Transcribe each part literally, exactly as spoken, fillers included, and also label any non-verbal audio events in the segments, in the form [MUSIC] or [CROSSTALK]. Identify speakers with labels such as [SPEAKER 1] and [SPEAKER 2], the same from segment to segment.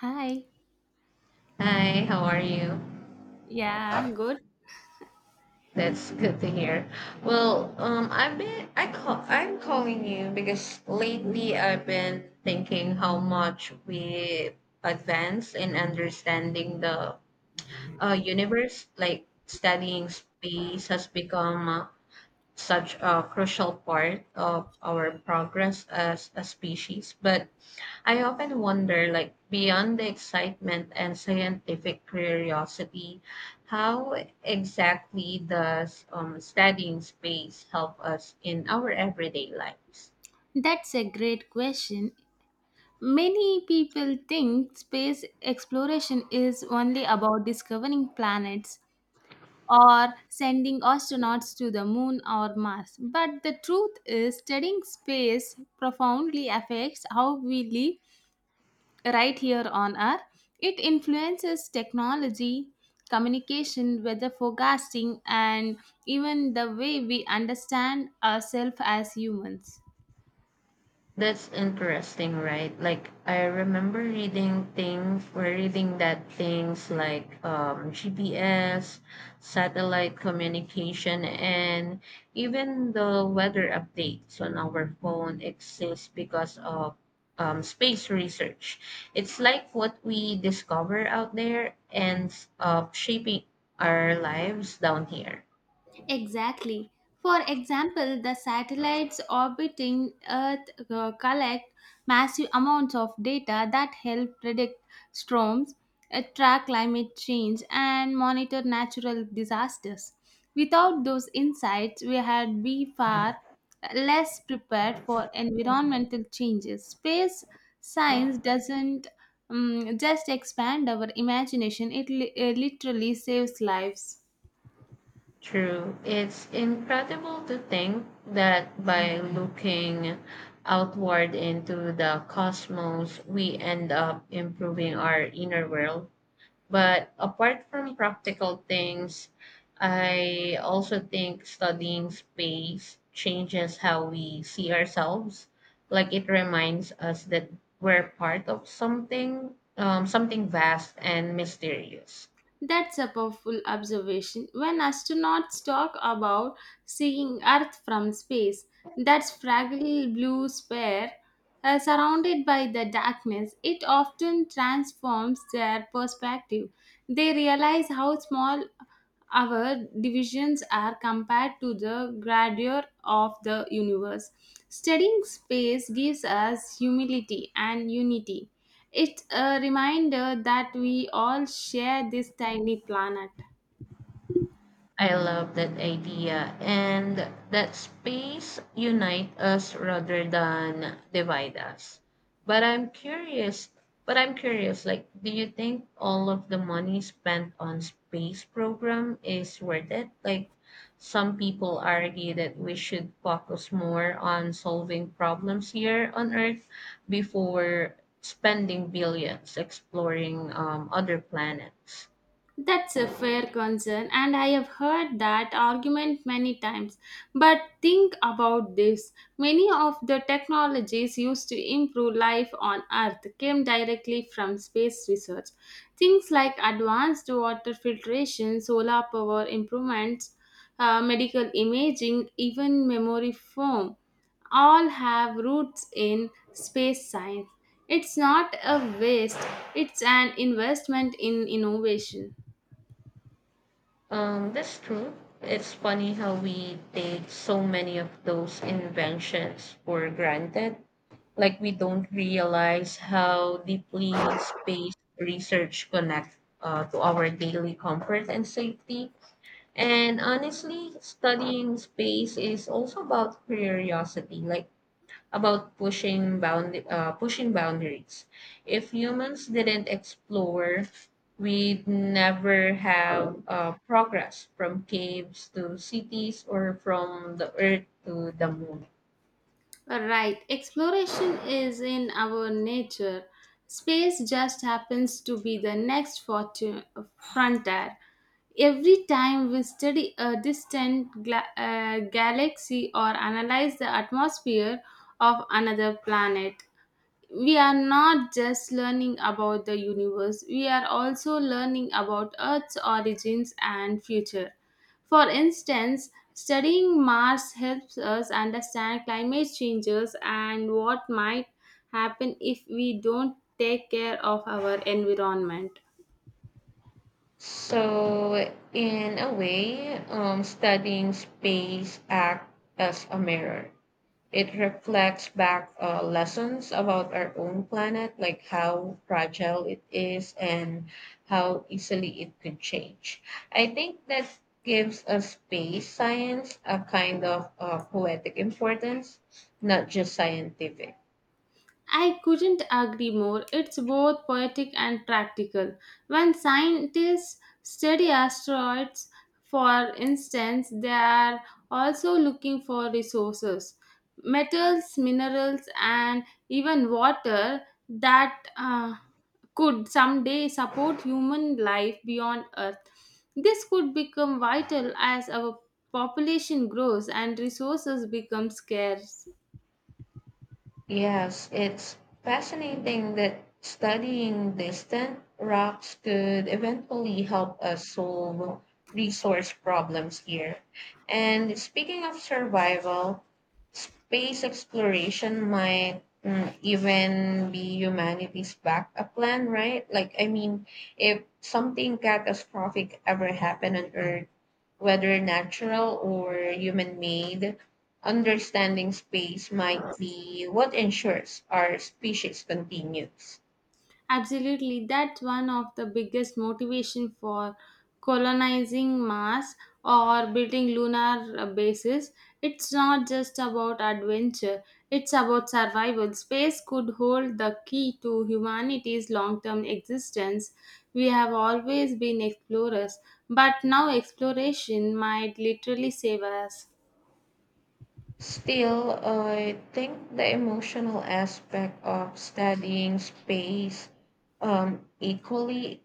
[SPEAKER 1] Hi.
[SPEAKER 2] Hi, how are you?
[SPEAKER 1] Yeah, good.
[SPEAKER 2] That's good to hear. Well, um, I've been I call I'm calling you because lately I've been thinking how much we advance in understanding the uh, universe. Like studying space has become uh, such a crucial part of our progress as a species. But I often wonder, like, beyond the excitement and scientific curiosity, how exactly does um, studying space help us in our everyday lives?
[SPEAKER 1] That's a great question. Many people think space exploration is only about discovering planets or sending astronauts to the moon or Mars. But the truth is, studying space profoundly affects how we live right here on Earth. It influences technology, communication, weather forecasting, and even the way we understand ourselves as humans.
[SPEAKER 2] That's interesting, right? Like I remember reading things, we're reading that things like um, G P S, satellite communication, and even the weather updates on our phone exist because of um, space research. It's like what we discover out there and uh, shaping our lives down here.
[SPEAKER 1] Exactly. For example, the satellites orbiting Earth uh, collect massive amounts of data that help predict storms, uh, track climate change, and monitor natural disasters. Without those insights, we had be far less prepared for environmental changes. Space science doesn't um, just expand our imagination, it li- uh, literally saves lives.
[SPEAKER 2] True. It's incredible to think that by looking outward into the cosmos, we end up improving our inner world. But apart from practical things, I also think studying space changes how we see ourselves. Like it reminds us that we're part of something, um, something vast and mysterious.
[SPEAKER 1] That's a powerful observation. When astronauts talk about seeing Earth from space, that fragile blue sphere uh, surrounded by the darkness, it often transforms their perspective. They realize how small our divisions are compared to the grandeur of the universe. Studying space gives us humility and unity. It's a reminder that we all share this tiny planet.
[SPEAKER 2] I love that idea. And that space unite us rather than divide us. But I'm curious, but I'm curious, like, do you think all of the money spent on space program is worth it? Like, some people argue that we should focus more on solving problems here on Earth before spending billions exploring um, other planets.
[SPEAKER 1] That's a fair concern, and I have heard that argument many times. But think about this, many of the technologies used to improve life on Earth came directly from space research. Things like advanced water filtration, solar power improvements, uh, medical imaging, even memory foam all have roots in space science. It's not a waste, it's an investment in innovation.
[SPEAKER 2] Um, that's true. It's funny how we take so many of those inventions for granted. Like we don't realize how deeply space research connects uh, to our daily comfort and safety. And honestly, studying space is also about curiosity. Like about pushing bound uh, pushing boundaries. If humans didn't explore, we'd never have uh, progress from caves to cities or from the earth to the moon.
[SPEAKER 1] Right, exploration is in our nature. Space just happens to be the next fortu- frontier. Every time we study a distant gla- uh, galaxy or analyze the atmosphere of another planet, we are not just learning about the universe, we are also learning about Earth's origins and future. For instance, studying Mars helps us understand climate changes and what might happen if we don't take care of our environment.
[SPEAKER 2] So, in a way, um, studying space acts as a mirror. It reflects back uh, lessons about our own planet, like how fragile it is and how easily it could change. I think that gives a space science a kind of uh, poetic importance, not just scientific.
[SPEAKER 1] I couldn't agree more. It's both poetic and practical. When scientists study asteroids, for instance, they are also looking for resources, metals, minerals, and even water that uh, could someday support human life beyond Earth. This could become vital as our population grows and resources become scarce.
[SPEAKER 2] Yes, it's fascinating that studying distant rocks could eventually help us solve resource problems here. And speaking of survival, space exploration might mm, even be humanity's backup plan, right? Like, I mean, if something catastrophic ever happened on Earth, whether natural or human made, understanding space might be what ensures our species continues.
[SPEAKER 1] Absolutely, that's one of the biggest motivation for colonizing Mars or building lunar uh, bases. It's not just about adventure; it's about survival. Space could hold the key to humanity's long-term existence. We have always been explorers, but now exploration might literally save us.
[SPEAKER 2] Still, I think the emotional aspect of studying space um, equally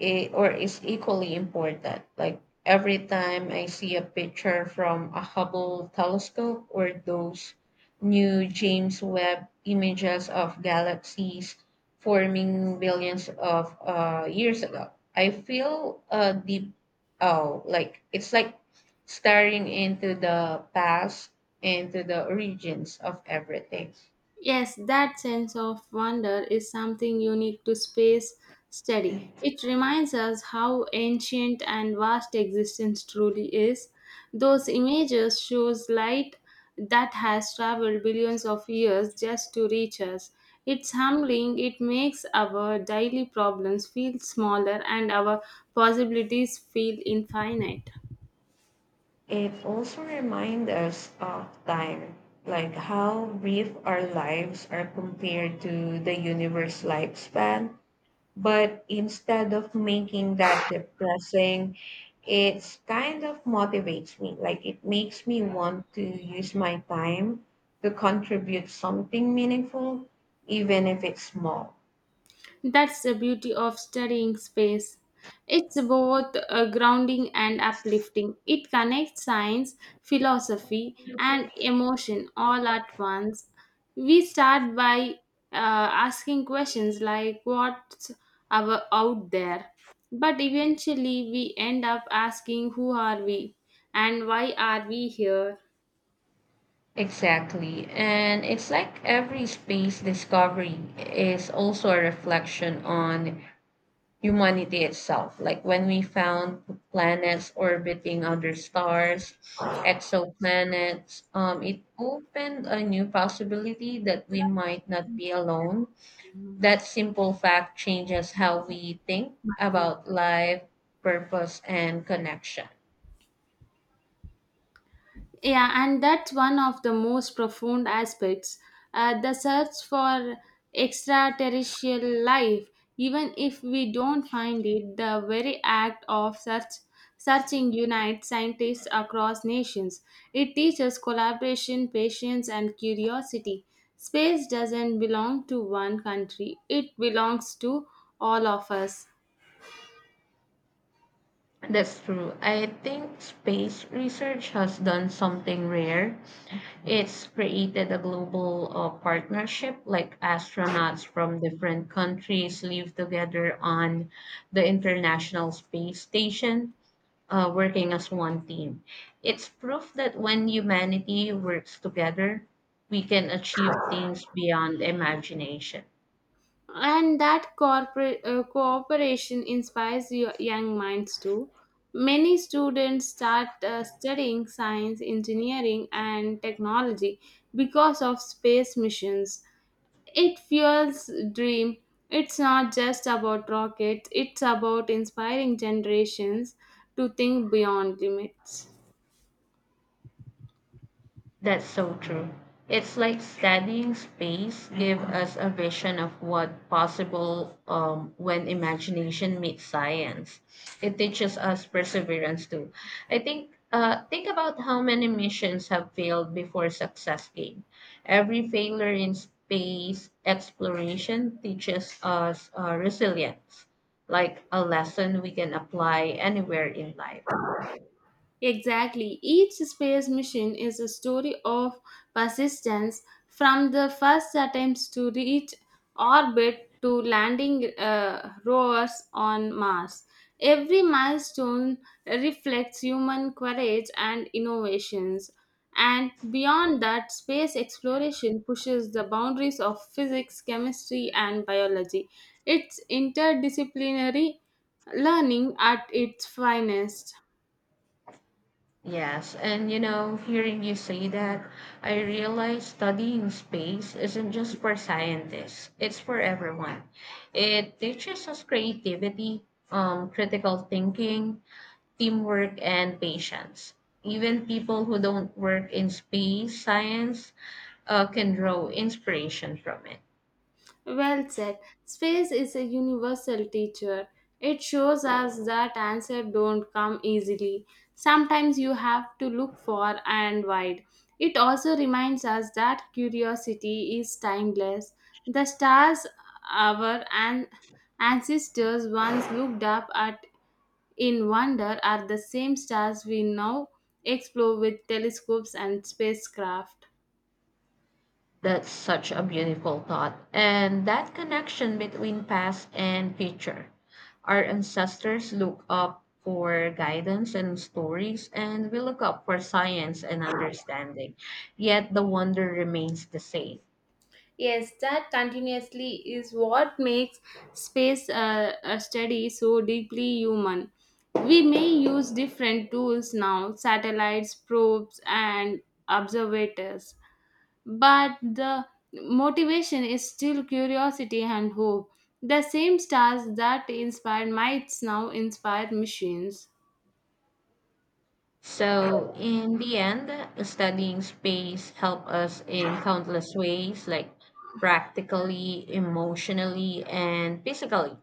[SPEAKER 2] i- or is equally important. Like every time I see a picture from a Hubble telescope or those new James Webb images of galaxies forming billions of uh, years ago, I feel a deep oh, like it's like staring into the past and to the origins of everything.
[SPEAKER 1] Yes, that sense of wonder is something unique to space study. It reminds us how ancient and vast existence truly is. Those images shows light that has traveled billions of years just to reach us. It's humbling. It makes our daily problems feel smaller and our possibilities feel infinite.
[SPEAKER 2] It also reminds us of time, like how brief our lives are compared to the universe lifespan. But instead of making that depressing, it's kind of motivates me. Like it makes me want to use my time to contribute something meaningful, even if it's small.
[SPEAKER 1] That's the beauty of studying space. It's both uh, grounding and uplifting. It connects science, philosophy, and emotion all at once. We start by uh, asking questions like what's our out there, but eventually we end up asking who are we and why are we here.
[SPEAKER 2] Exactly. And it's like every space discovery is also a reflection on humanity itself. Like when we found planets orbiting other stars, exoplanets, um, it opened a new possibility that we might not be alone. That simple fact changes how we think
[SPEAKER 1] Martin.
[SPEAKER 2] about life, purpose, and connection.
[SPEAKER 1] Yeah, and that's one of the most profound aspects. Uh, the search for extraterrestrial life, even if we don't find it, the very act of search, searching unites scientists across nations. It teaches collaboration, patience, and curiosity. Space doesn't belong to one country, it belongs to all of us.
[SPEAKER 2] That's true. I think space research has done something rare. It's created a global uh, partnership, like astronauts from different countries live together on the International Space Station, uh, working as one team. It's proof that when humanity works together, we can achieve things beyond imagination.
[SPEAKER 1] And that corporate uh, cooperation inspires yo- young minds too. Many students start uh, studying science, engineering, and technology because of space missions. It fuels dream. It's not just about rockets, it's about inspiring generations to think beyond limits.
[SPEAKER 2] That's so true. It's like studying space give us a vision of what possible um, when imagination meets science. It teaches us perseverance too. I think uh, think about how many missions have failed before success came. Every failure in space exploration teaches us uh, resilience, like a lesson we can apply anywhere in life.
[SPEAKER 1] Exactly. Each space mission is a story of persistence, from the first attempts to reach orbit to landing uh, rovers on Mars. Every milestone reflects human courage and innovations. And beyond that, space exploration pushes the boundaries of physics, chemistry, and biology. It's interdisciplinary learning at its finest.
[SPEAKER 2] Yes, and you know, hearing you say that, I realize studying space isn't just for scientists, it's for everyone. It teaches us creativity, um, critical thinking, teamwork, and patience. Even people who don't work in space science uh, can draw inspiration from it.
[SPEAKER 1] Well said. Space is a universal teacher. It shows us that answers don't come easily. Sometimes you have to look far and wide. It also reminds us that curiosity is timeless. The stars our an- ancestors once looked up at in wonder are the same stars we now explore with telescopes and spacecraft.
[SPEAKER 2] That's such a beautiful thought. And that connection between past and future. Our ancestors look up for guidance and stories, and we look up for science and understanding. Yet the wonder remains the same.
[SPEAKER 1] Yes, that continuously is what makes space uh, a study so deeply human. We may use different tools now, satellites, probes, and observators, but the motivation is still curiosity and hope. The same stars that inspired mites now inspire machines.
[SPEAKER 2] So, in the end, studying space help us in countless ways, like practically, emotionally, and physically.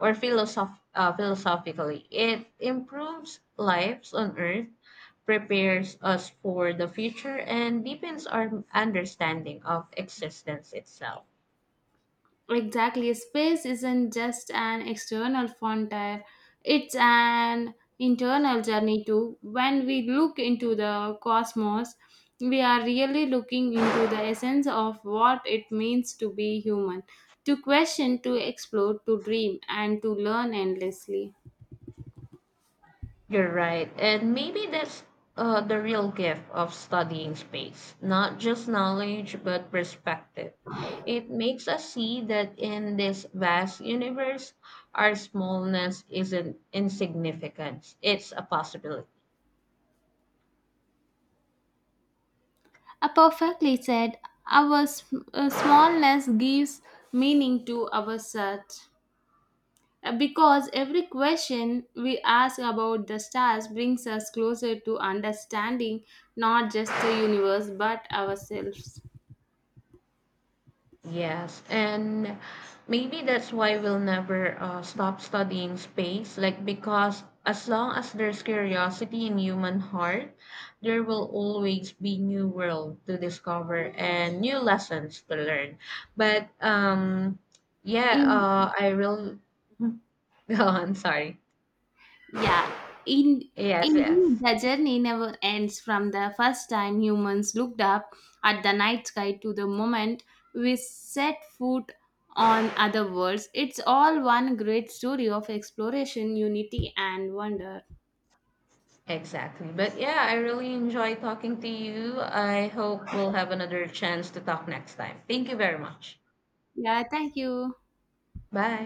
[SPEAKER 2] or philosoph- uh, philosophically. It improves lives on earth, prepares us for the future, and deepens our understanding of existence itself.
[SPEAKER 1] Exactly. Space isn't just an external frontier, it's an internal journey too. When we look into the cosmos, we are really looking into the essence of what it means to be human, to question, to explore, to dream, and to learn endlessly.
[SPEAKER 2] You're right. And maybe that's uh, the real gift of studying space not just knowledge, but perspective. It makes us see that in this vast universe, our smallness isn't insignificance, it's a possibility.
[SPEAKER 1] A perfectly said, our sm- uh, smallness gives meaning to our search. Uh, Because every question we ask about the stars brings us closer to understanding not just the universe but ourselves.
[SPEAKER 2] Yes, and maybe that's why we'll never uh, stop studying space. Like, because as long as there's curiosity in human heart, there will always be new world to discover and new lessons to learn. But um, yeah,
[SPEAKER 1] In
[SPEAKER 2] uh, I will [LAUGHS] go on. Sorry.
[SPEAKER 1] yeah, in
[SPEAKER 2] Yes,
[SPEAKER 1] Indeed
[SPEAKER 2] yes,
[SPEAKER 1] the journey never ends, from the first time humans looked up at the night sky to the moment we set foot on other worlds. It's all one great story of exploration, unity and wonder.
[SPEAKER 2] exactly. But yeah, I really enjoy talking to you. I hope we'll have another chance to talk next time. Thank you very much.
[SPEAKER 1] Yeah, thank you.
[SPEAKER 2] Bye.